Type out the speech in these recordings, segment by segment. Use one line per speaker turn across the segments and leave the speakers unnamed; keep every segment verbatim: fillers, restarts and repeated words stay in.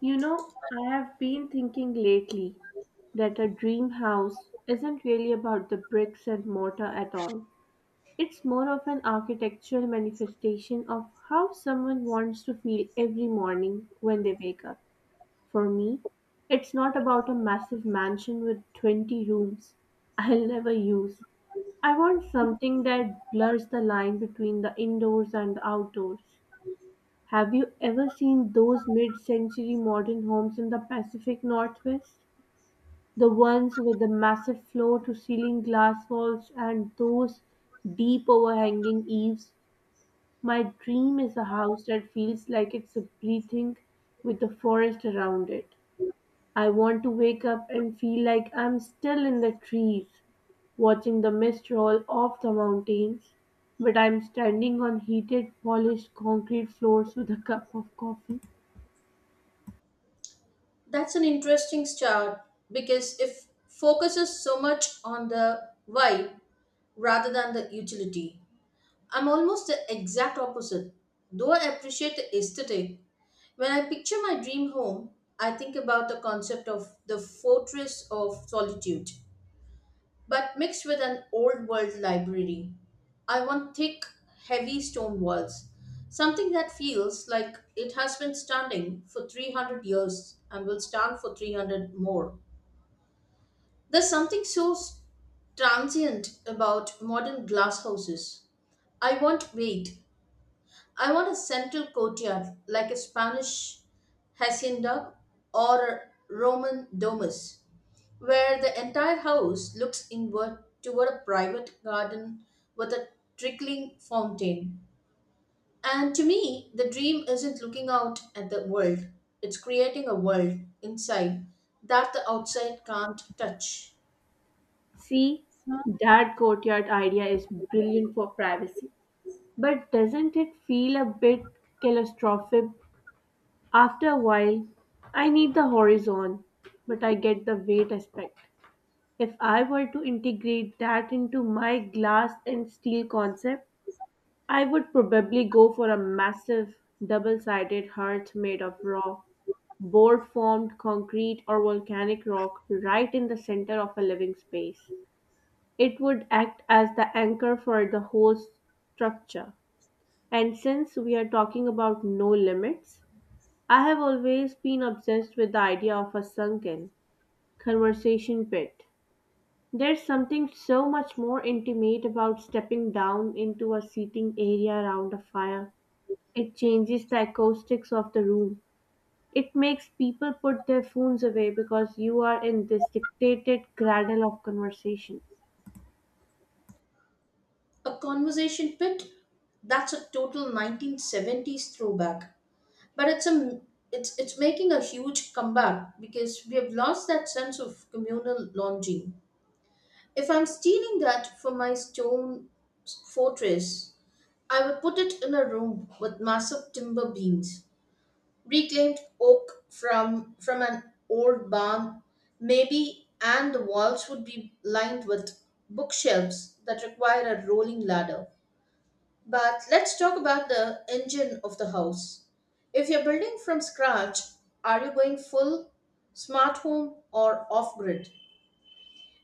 You know, I have been thinking lately that a dream house isn't really about the bricks and mortar at all. It's more of an architectural manifestation of how someone wants to feel every morning when they wake up. For me, it's not about a massive mansion with twenty rooms I'll never use. I want something that blurs the line between the indoors and the outdoors. Have you ever seen those mid-century modern homes in the Pacific Northwest? The ones with the massive floor-to-ceiling glass walls and those deep overhanging eaves? My dream is a house that feels like it's breathing with the forest around it. I want to wake up and feel like I'm still in the trees, watching the mist roll off the mountains, but I'm standing on heated, polished concrete floors with a cup of coffee.
That's an interesting start because it focuses so much on the why rather than the utility. I'm almost the exact opposite, though I appreciate the aesthetic. When I picture my dream home, I think about the concept of the fortress of solitude, but mixed with an old world library. I want thick, heavy stone walls, something that feels like it has been standing for three hundred years and will stand for three hundred more. There's something so transient about modern glass houses. I want weight. I want a central courtyard like a Spanish hacienda or a Roman domus, where the entire house looks inward toward a private garden with a trickling fountain. And to me, the dream isn't looking out at the world, it's creating a world inside that the outside can't touch.
See, that courtyard idea is brilliant for privacy. But doesn't it feel a bit claustrophobic? After a while, I need the horizon, but I get the weight aspect. If I were to integrate that into my glass and steel concept, I would probably go for a massive double sided hearth made of raw, board formed concrete or volcanic rock right in the center of a living space. It would act as the anchor for the whole structure. And since we are talking about no limits, I have always been obsessed with the idea of a sunken conversation pit. There's something so much more intimate about stepping down into a seating area around a fire. It changes the acoustics of the room. It makes people put their phones away because you are in this dictated cradle of conversation.
A conversation pit? That's a total nineteen seventies throwback. But it's a it's it's making a huge comeback because we have lost that sense of communal longing. If I'm stealing that for my stone fortress, I will put it in a room with massive timber beams, reclaimed oak from from an old barn, maybe, and the walls would be lined with bookshelves that require a rolling ladder. But let's talk about the engine of the house. If you're building from scratch, are you going full smart home or off grid?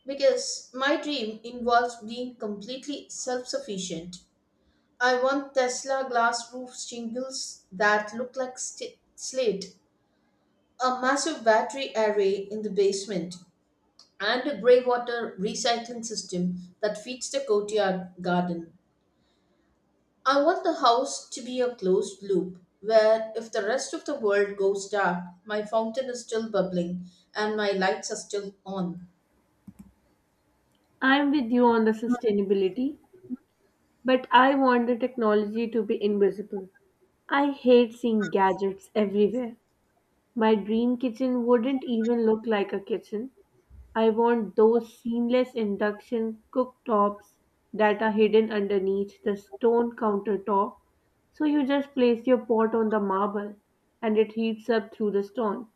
Because my dream involves being completely self sufficient. I want Tesla glass roof shingles that look like sti slate, a massive battery array in the basement, and a grey water recycling system that feeds the courtyard garden. I want the house to be a closed loop where if the rest of the world goes dark, my fountain is still bubbling and my lights are still on.
I'm with you on the sustainability. But I want the technology to be invisible. I hate seeing gadgets everywhere. My dream kitchen wouldn't even look like a kitchen. I want those seamless induction cooktops that are hidden underneath the stone countertop. So you just place your pot on the marble and it heats up through the stone.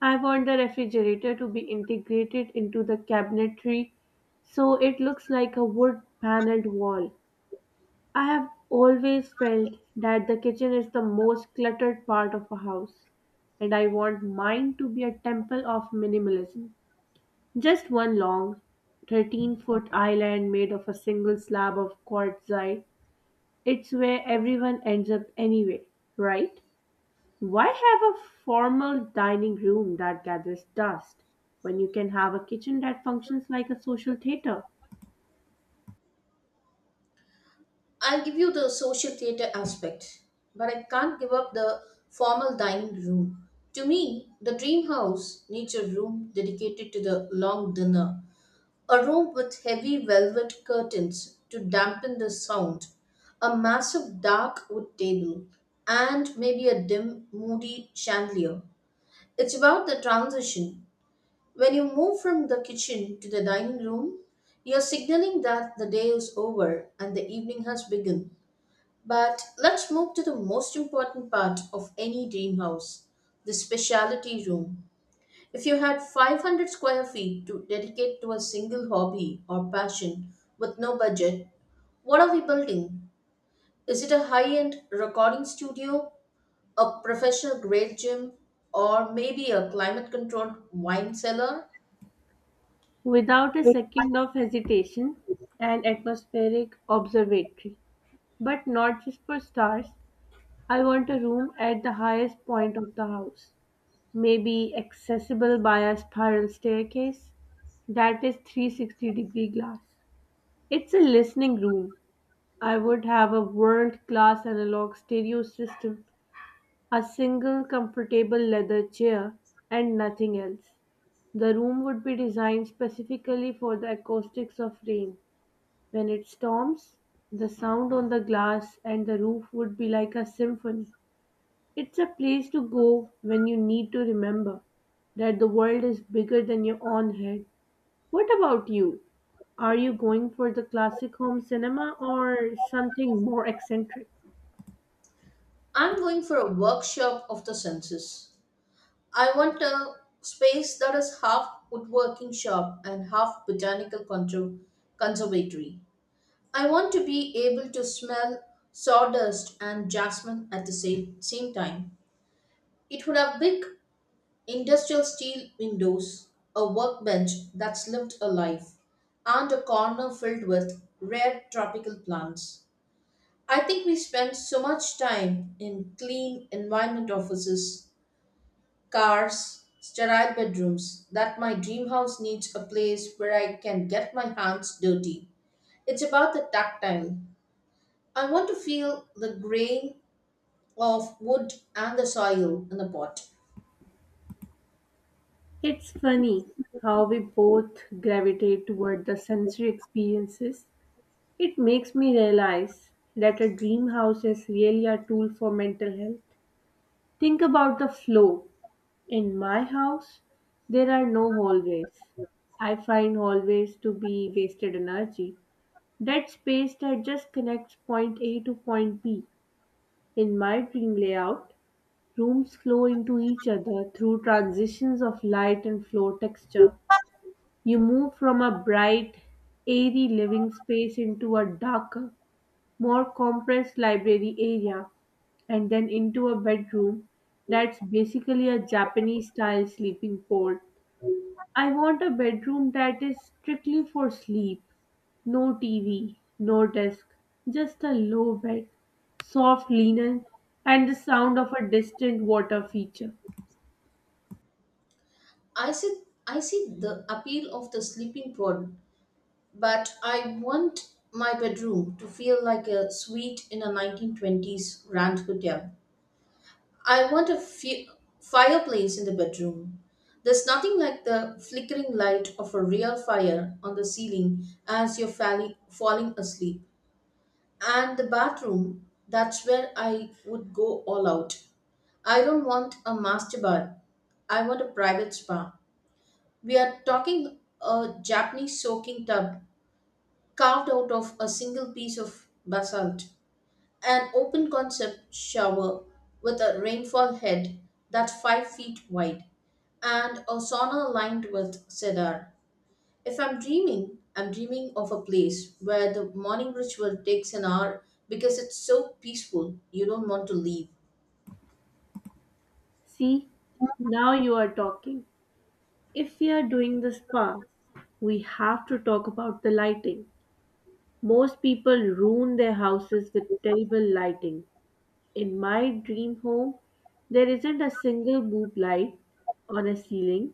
I want the refrigerator to be integrated into the cabinetry so it looks like a wood paneled wall. I have always felt that the kitchen is the most cluttered part of a house, and I want mine to be a temple of minimalism. Just one long, thirteen foot island made of a single slab of quartzite. It's where everyone ends up anyway, right? Why have a formal dining room that gathers dust when you can have a kitchen that functions like a social theater?
I'll give you the social theater aspect, but I can't give up the formal dining room. To me, the dream house needs a room dedicated to the long dinner, a room with heavy velvet curtains to dampen the sound, a massive dark wood table, and maybe a dim, moody chandelier. It's about the transition. When you move from the kitchen to the dining room, you're signaling that the day is over and the evening has begun. But let's move to the most important part of any dream house, the specialty room. If you had five hundred square feet to dedicate to a single hobby or passion with no budget, what are we building? Is it a high end recording studio, a professional grade gym, or maybe a climate controlled wine cellar?
Without a second of hesitation, an atmospheric observatory. But not just for stars. I want a room at the highest point of the house, maybe accessible by a spiral staircase that is three sixty degree glass. It's a listening room. I would have a world class analog stereo system, a single comfortable leather chair, and nothing else. The room would be designed specifically for the acoustics of rain. When it storms, the sound on the glass and the roof would be like a symphony. It's a place to go when you need to remember that the world is bigger than your own head. What about you? Are you going for the classic home cinema or something more eccentric?
I'm going for a workshop of the senses. I want a space that is half woodworking shop and half botanical contro- conservatory. I want to be able to smell sawdust and jasmine at the same, same time. It would have big industrial steel windows, a workbench that lived a life, and a corner filled with rare tropical plants. I think we spend so much time in clean environment offices, cars, sterile bedrooms that my dream house needs a place where I can get my hands dirty. It's about the tactile. I want to feel the grain of wood and the soil in the pot.
It's funny how we both gravitate toward the sensory experiences. It makes me realize that a dream house is really a tool for mental health. Think about the flow. In my house, there are no hallways. I find hallways to be wasted energy. That space that just connects point A to point B. In my dream layout, rooms flow into each other through transitions of light and floor texture. You move from a bright, airy living space into a darker, more compressed library area and then into a bedroom that's basically a Japanese style sleeping pod. I want a bedroom that is strictly for sleep. No T V, no desk, just a low bed, soft linen, and the sound of a distant water feature.
I see, I see the appeal of the sleeping pod. But I want my bedroom to feel like a suite in a nineteen twenties grand hotel. I want a fi- fireplace in the bedroom. There's nothing like the flickering light of a real fire on the ceiling as you're falling, falling asleep. And the bathroom, that's where I would go all out. I don't want a master bar. I want a private spa. We are talking a Japanese soaking tub carved out of a single piece of basalt. An open concept shower with a rainfall head that's five feet wide, and a sauna lined with cedar. If I'm dreaming, I'm dreaming of a place where the morning ritual takes an hour because it's so peaceful you don't want to leave.
See, now you are talking. If we are doing the spa, we have to talk about the lighting. Most people ruin their houses with terrible lighting. In my dream home, there isn't a single boob light on a ceiling.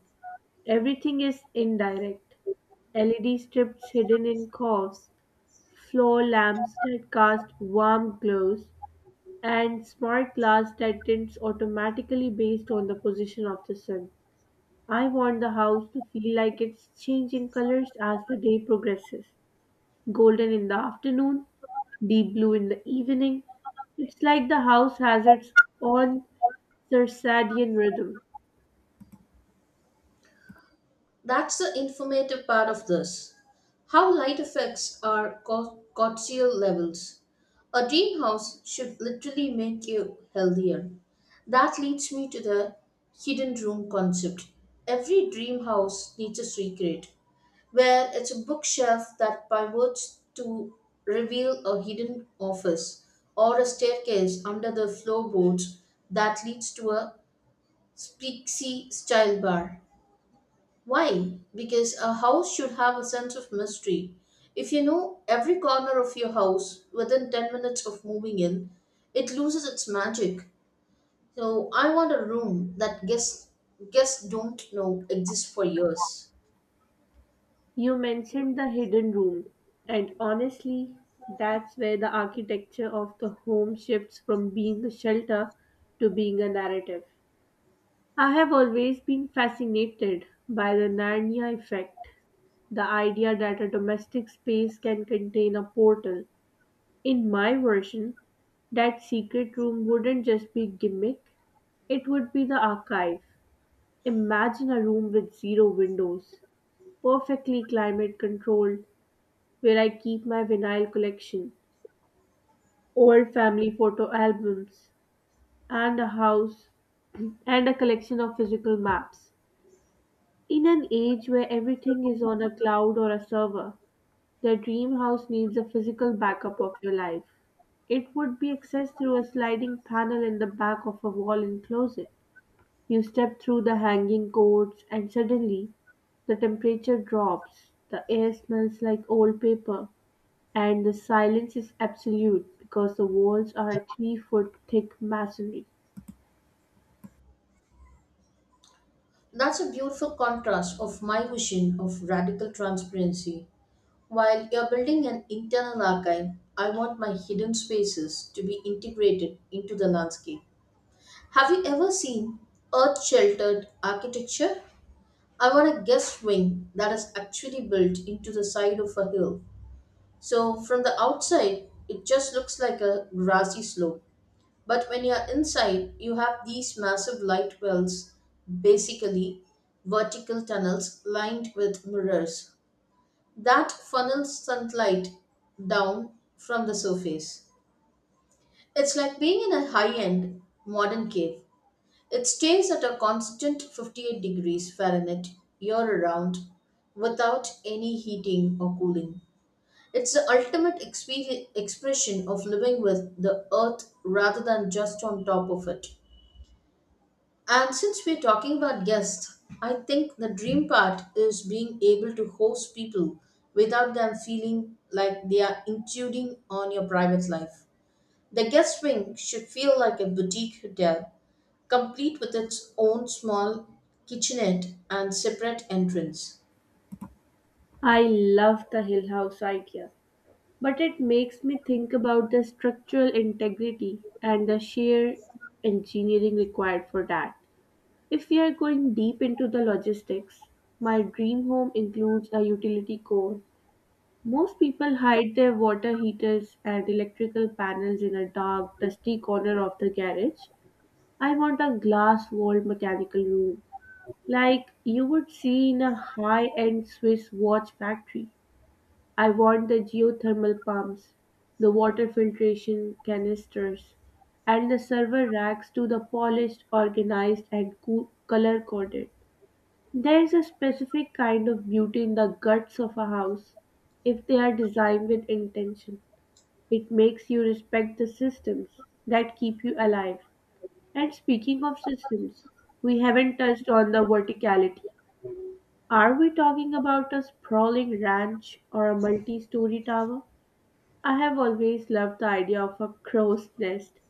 Everything is indirect. L E D strips hidden in coves, floor lamps that cast warm glows, and smart glass that tints automatically based on the position of the sun. I want the house to feel like it's changing colors as the day progresses. Golden in the afternoon, deep blue in the evening. It's like the house has its own circadian rhythm.
That's the informative part of this. How light affects our cor- cortisol levels. A greenhouse should literally make you healthier. That leads me to the hidden room concept. Every dream house needs a secret, where it's a bookshelf that pivots to reveal a hidden office or a staircase under the floorboards that leads to a Spixy style bar. Why? Because a house should have a sense of mystery. If you know every corner of your house within ten minutes of moving in, it loses its magic. So I want a room that guests guests don't know exists for years.
You mentioned the hidden room, and honestly, that's where the architecture of the home shifts from being a shelter to being a narrative. I have always been fascinated by the Narnia effect, the idea that a domestic space can contain a portal. In my version, that secret room wouldn't just be gimmick, it would be the archive. Imagine a room with zero windows, perfectly climate controlled, where I keep my vinyl collection, old family photo albums, and a house and a collection of physical maps. In an age where everything is on a cloud or a server, the dream house needs a physical backup of your life. It would be accessed through a sliding panel in the back of a wall in closet. You step through the hanging cords and suddenly the temperature drops. The air smells like old paper. And the silence is absolute because the walls are three foot thick masonry.
That's a beautiful contrast of my vision of radical transparency. While you're building an internal archive, I want my hidden spaces to be integrated into the landscape. Have you ever seen earth sheltered architecture? I want a guest wing that is actually built into the side of a hill. So from the outside, it just looks like a grassy slope. But when you're inside, you have these massive light wells, basically vertical tunnels lined with mirrors that funnels sunlight down from the surface. It's like being in a high end modern cave. It stays at a constant fifty-eight degrees Fahrenheit year round without any heating or cooling. It's the ultimate expe- expression of living with the earth rather than just on top of it. And since we're talking about guests, I think the dream part is being able to host people without them feeling like they are intruding on your private life. The guest wing should feel like a boutique hotel complete with its own small kitchenette and separate entrance.
I love the Hill House idea, but it makes me think about the structural integrity and the sheer engineering required for that. If we are going deep into the logistics, my dream home includes a utility core. Most people hide their water heaters and electrical panels in a dark, dusty corner of the garage. I want a glass walled mechanical room, like you would see in a high-end Swiss watch factory. I want the geothermal pumps, the water filtration canisters, and the server racks to the polished, organized, and cool, color-coded. There's a specific kind of beauty in the guts of a house. If they are designed with intention, it makes you respect the systems that keep you alive. And speaking of systems, we haven't touched on the verticality. Are we talking about a sprawling ranch or a multi story tower? I have always loved the idea of a crow's nest,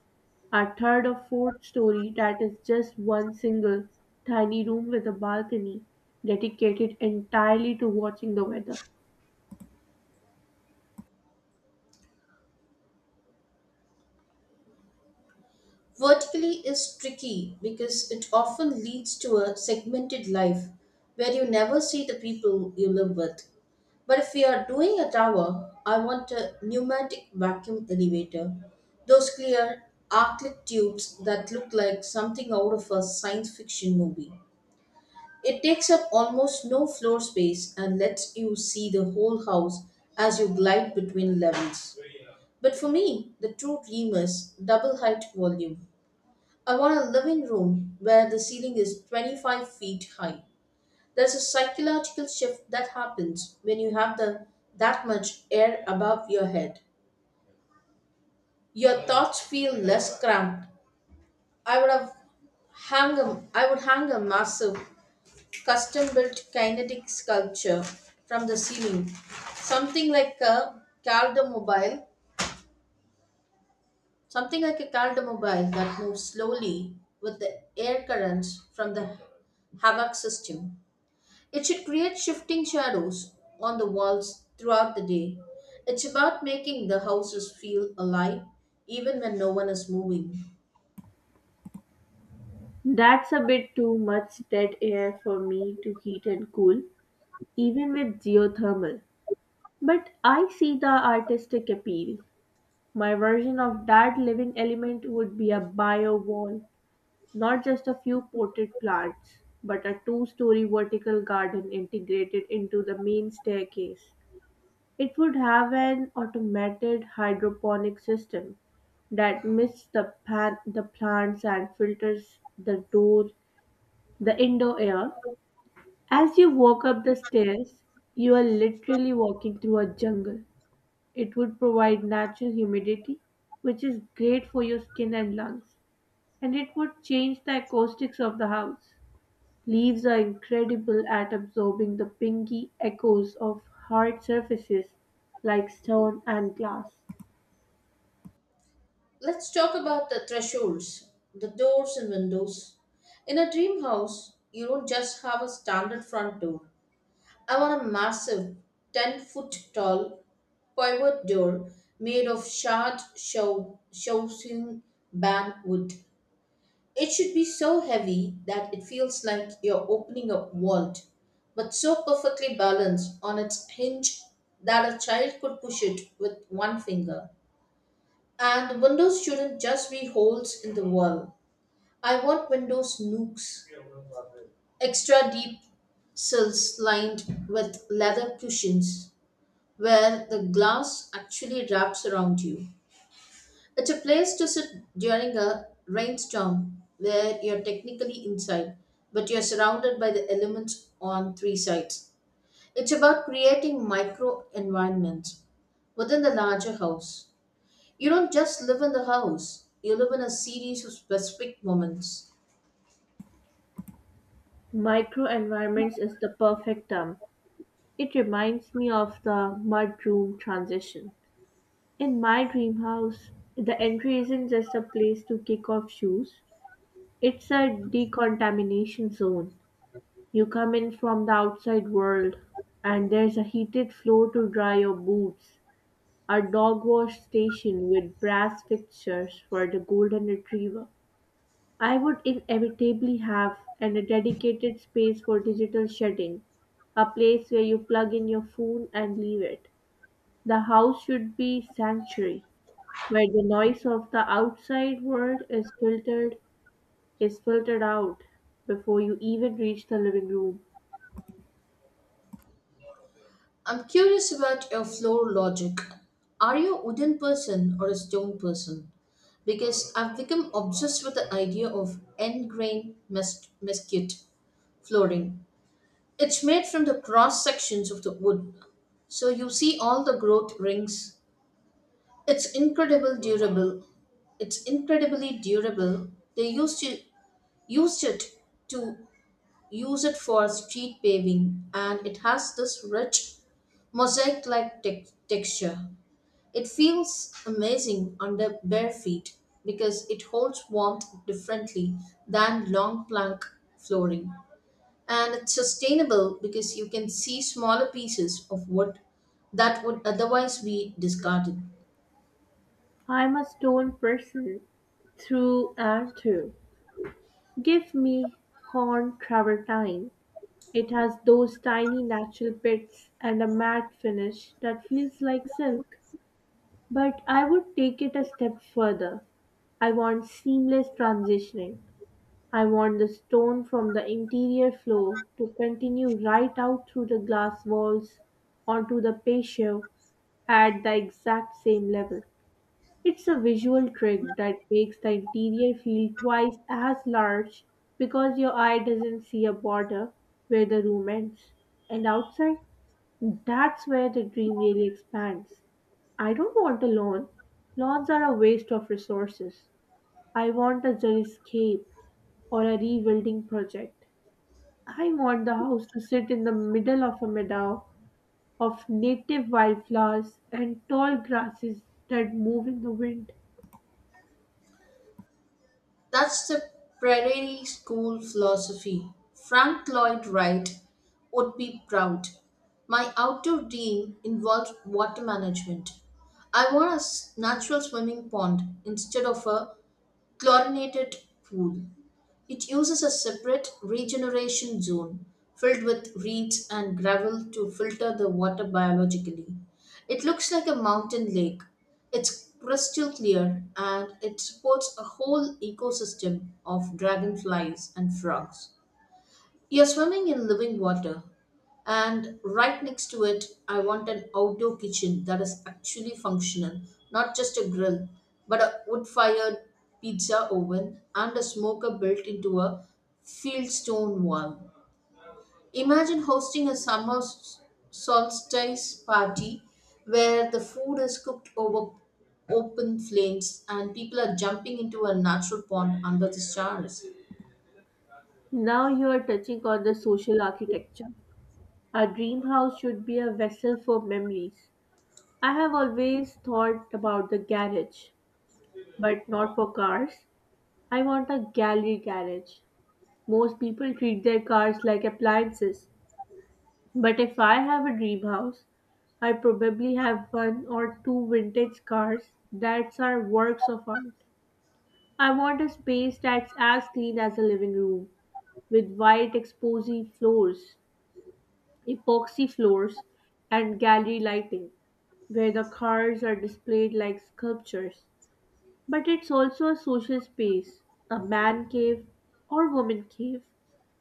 a third or fourth story that is just one single tiny room with a balcony dedicated entirely to watching the weather.
Vertically is tricky because it often leads to a segmented life where you never see the people you live with. But if we are doing a tower, I want a pneumatic vacuum elevator. Those clear arclit tubes that look like something out of a science fiction movie. It takes up almost no floor space and lets you see the whole house as you glide between levels. But for me, the true dream is double height volume. I want a living room where the ceiling is twenty-five feet high. There's a psychological shift that happens when you have the, that much air above your head. Your thoughts feel less cramped. I would have hang a, I would hang a massive custom built kinetic sculpture from the ceiling. Something like a calder mobile, Something like a calder mobile that moves slowly with the air currents from the Havoc system. It should create shifting shadows on the walls throughout the day. It's about making the houses feel alive even when no one is moving.
That's a bit too much dead air for me to heat and cool, even with geothermal. But I see the artistic appeal. My version of that living element would be a bio wall. Not just a few potted plants, but a two-story vertical garden integrated into the main staircase. It would have an automated hydroponic system that mists the, pan- the plants and filters the door, the indoor air. As you walk up the stairs, you are literally walking through a jungle. It would provide natural humidity, which is great for your skin and lungs, and it would change the acoustics of the house. Leaves are incredible at absorbing the pinky echoes of hard surfaces like stone and glass.
Let's talk about the thresholds, the doors and windows. In a dream house, you don't just have a standard front door. I want a massive ten foot tall pivot door made of shard show- showing band wood. It should be so heavy that it feels like you're opening a vault, but so perfectly balanced on its hinge that a child could push it with one finger. And windows shouldn't just be holes in the wall. I want windows nooks, extra deep sills lined with leather cushions where the glass actually wraps around you. It's a place to sit during a rainstorm where you're technically inside, but you're surrounded by the elements on three sides. It's about creating micro environments within the larger house. You don't just live in the house, you live in a series of specific moments.
Microenvironments is the perfect term. It reminds me of the mudroom transition. In my dream house, the entry isn't just a place to kick off shoes, it's a decontamination zone. You come in from the outside world, and there's a heated floor to dry your boots. A dog wash station with brass fixtures for the golden retriever I would inevitably have, and a dedicated space for digital shedding, a place where you plug in your phone and leave it. The house should be sanctuary, where the noise of the outside world is filtered is filtered out before you even reach the living room.
I'm curious about your floor logic. Are you a wooden person or a stone person? Because I've become obsessed with the idea of end grain mes- mesquite flooring. It's made from the cross sections of the wood, so you see all the growth rings. It's incredible durable it's incredibly durable. They used to used it to use it for street paving, and it has this rich mosaic like texture. It feels amazing under bare feet because it holds warmth differently than long plank flooring, and it's sustainable because you can see smaller pieces of wood that would otherwise be discarded.
I'm a stone person through and through. Give me horn travertine. It has those tiny natural pits and a matte finish that feels like silk. But I would take it a step further. I want seamless transitioning. I want the stone from the interior floor to continue right out through the glass walls onto the patio at the exact same level. It's a visual trick that makes the interior feel twice as large because your eye doesn't see a border where the room ends. And outside, that's where the dream really expands. I don't want a lawn. Lawns are a waste of resources. I want a xeriscape or a rewilding project. I want the house to sit in the middle of a meadow of native wildflowers and tall grasses that move in the wind.
That's the Prairie School philosophy. Frank Lloyd Wright would be proud. My outdoor dream involves water management. I want a s- natural swimming pond instead of a chlorinated pool. It uses a separate regeneration zone filled with reeds and gravel to filter the water biologically. It looks like a mountain lake. It's crystal clear and it supports a whole ecosystem of dragonflies and frogs. You're swimming in living water, and right next to it, I want an outdoor kitchen that is actually functional, not just a grill, but a wood fired pizza oven and a smoker built into a field stone wall. Imagine hosting a summer s- solstice party where the food is cooked over open flames and people are jumping into a natural pond under the stars.
Now you are touching on the social architecture. A dream house should be a vessel for memories. I have always thought about the garage, but not for cars. I want a gallery garage. Most people treat their cars like appliances, but if I have a dream house, I probably have one or two vintage cars that are works of art. I want a space that's as clean as a living room, with white epoxy floors, epoxy floors, and gallery lighting, where the cars are displayed like sculptures. But it's also a social space, a man cave or woman cave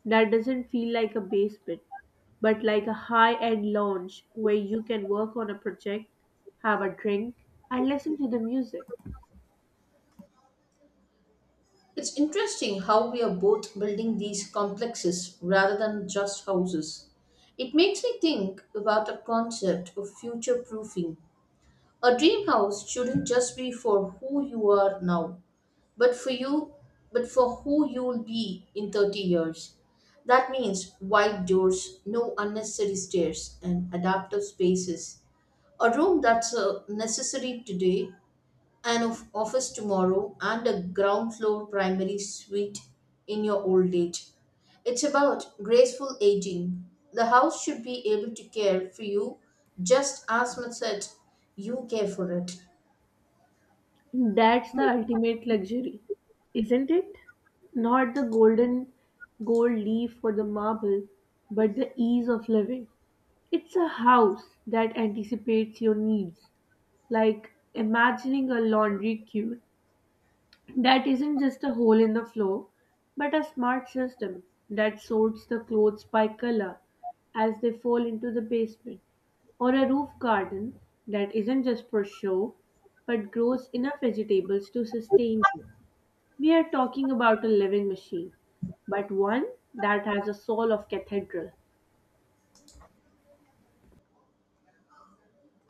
that doesn't feel like a basement, but like a high end lounge where you can work on a project, have a drink, and listen to the music.
It's interesting how we are both building these complexes rather than just houses. It makes me think about the concept of future proofing. A dream house shouldn't just be for who you are now, but for you but for who you'll be in thirty years. That means wide doors, no unnecessary stairs, and adaptive spaces. A room that's uh, necessary today, an of- office tomorrow, and a ground floor primary suite in your old age. It's about graceful aging. The house should be able to care for you just as much as you care for it.
That's the ultimate luxury, isn't it? Not the golden gold leaf or the marble, but the ease of living. It's a house that anticipates your needs, like imagining a laundry queue that isn't just a hole in the floor, but a smart system that sorts the clothes by color as they fall into the basement, or a roof garden that isn't just for show but grows enough vegetables to sustain you. We are talking about a living machine, but one that has a soul of cathedral.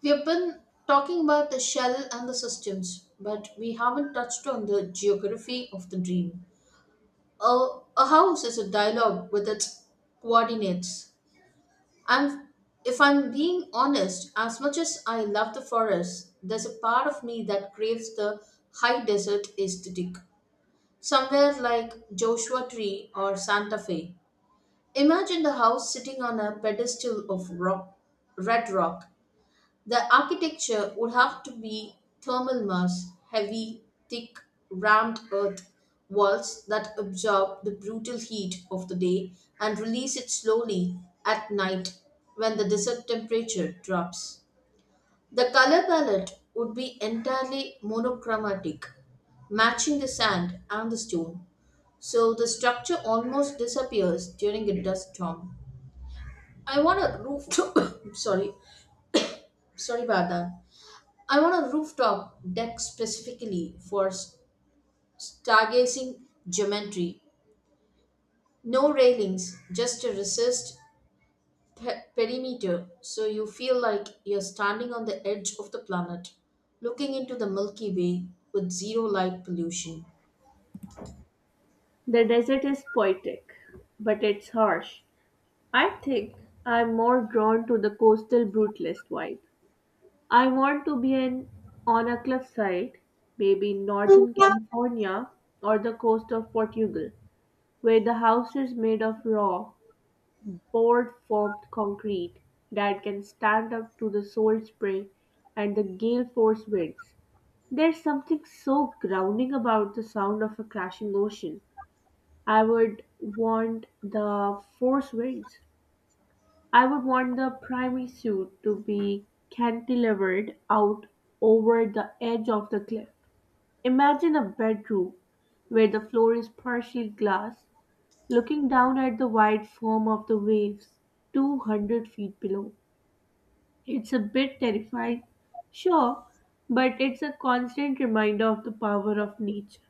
We have been talking about the shell and the systems, but we haven't touched on the geography of the dream. A, a house is a dialogue with its coordinates. And if I'm being honest, as much as I love the forest, there's a part of me that craves the high desert aesthetic. Somewhere like Joshua Tree or Santa Fe. Imagine the house sitting on a pedestal of rock, red rock. The architecture would have to be thermal mass, heavy, thick, rammed earth walls that absorb the brutal heat of the day and release it slowly at night when the desert temperature drops. The color palette would be entirely monochromatic, matching the sand and the stone, so the structure almost disappears during a dust storm. I want a rooftop. sorry, sorry about that. I want a rooftop deck specifically for s- stargazing geometry. No railings, just a recessed pe- perimeter, so you feel like you're standing on the edge of the planet, looking into the Milky Way with zero light pollution.
The desert is poetic, but it's harsh. I think I'm more drawn to the coastal brutalist vibe. I want to be an On a cliffside, maybe in Northern California or the coast of Portugal, where the house is made of raw, board formed concrete that can stand up to the salt spray and the gale force winds. There's something so grounding about the sound of a crashing ocean. I would want the force winds I would want the primary suit to be cantilevered out over the edge of the cliff. Imagine a bedroom where the floor is partially glass, looking down at the wide foam of the waves two hundred feet below. It's a bit terrifying, sure, but it's a constant reminder of the power of nature.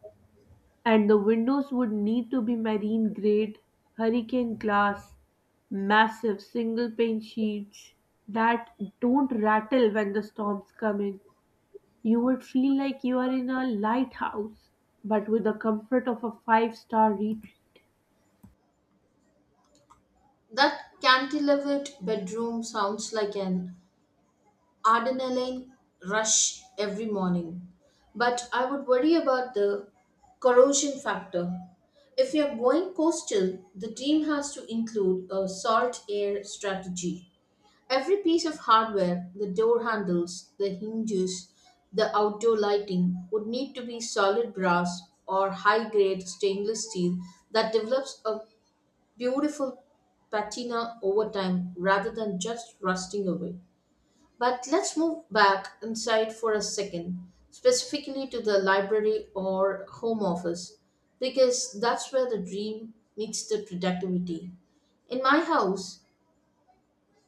And the windows would need to be marine grade, hurricane glass, massive single pane sheets that don't rattle when the storms come in. You would feel like you are in a lighthouse, but with the comfort of a five star retreat.
That cantilevered bedroom sounds like an adrenaline rush every morning. But I would worry about the corrosion factor. If we are going coastal, the team has to include a salt air strategy. Every piece of hardware, the door handles, the hinges, the outdoor lighting, would need to be solid brass or high grade stainless steel that develops a beautiful patina over time rather than just rusting away. But let's move back inside for a second, specifically to the library or home office, because that's where the dream meets the productivity. In my house,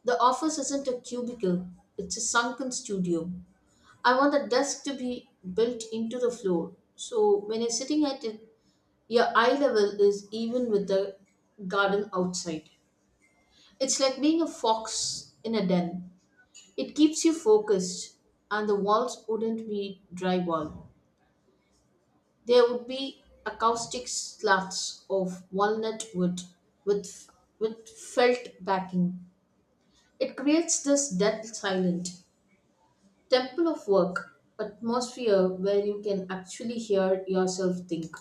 the office isn't a cubicle, it's a sunken studio. I want the desk to be built into the floor, so when you're sitting at it, your eye level is even with the garden outside. It's like being a fox in a den. It keeps you focused, and the walls wouldn't be drywall. There would be acoustic slabs of walnut wood with, with felt backing. It creates this dead silent temple of work atmosphere where you can actually hear yourself think.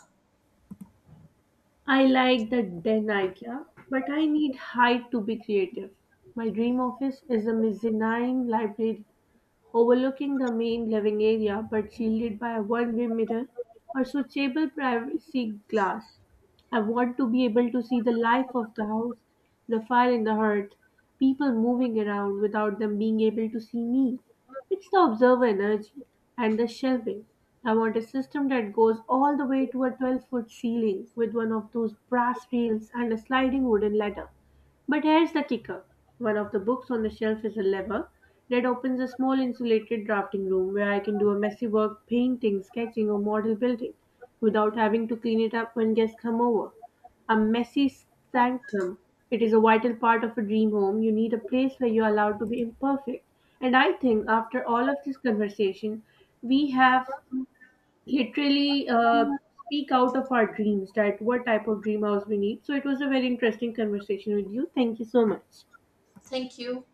I like the den idea, but I need height to be creative. My dream office is a mezzanine library overlooking the main living area but shielded by a one-way mirror or switchable privacy glass. I want to be able to see the life of the house, the fire in the hearth, people moving around without them being able to see me. It's the observer energy and the shelving. I want a system that goes all the way to a twelve foot ceiling with one of those brass rails and a sliding wooden ladder. But here's the kicker. One of the books on the shelf is a lever that opens a small insulated drafting room where I can do a messy work, painting, sketching, or model building without having to clean it up when guests come over. A messy sanctum. It is a vital part of a dream home. You need a place where you're allowed to be imperfect. And I think after all of this conversation, we have literally uh, speak out of our dreams that what type of dream house we need. So it was a very interesting conversation with you. Thank you so much.
Thank you.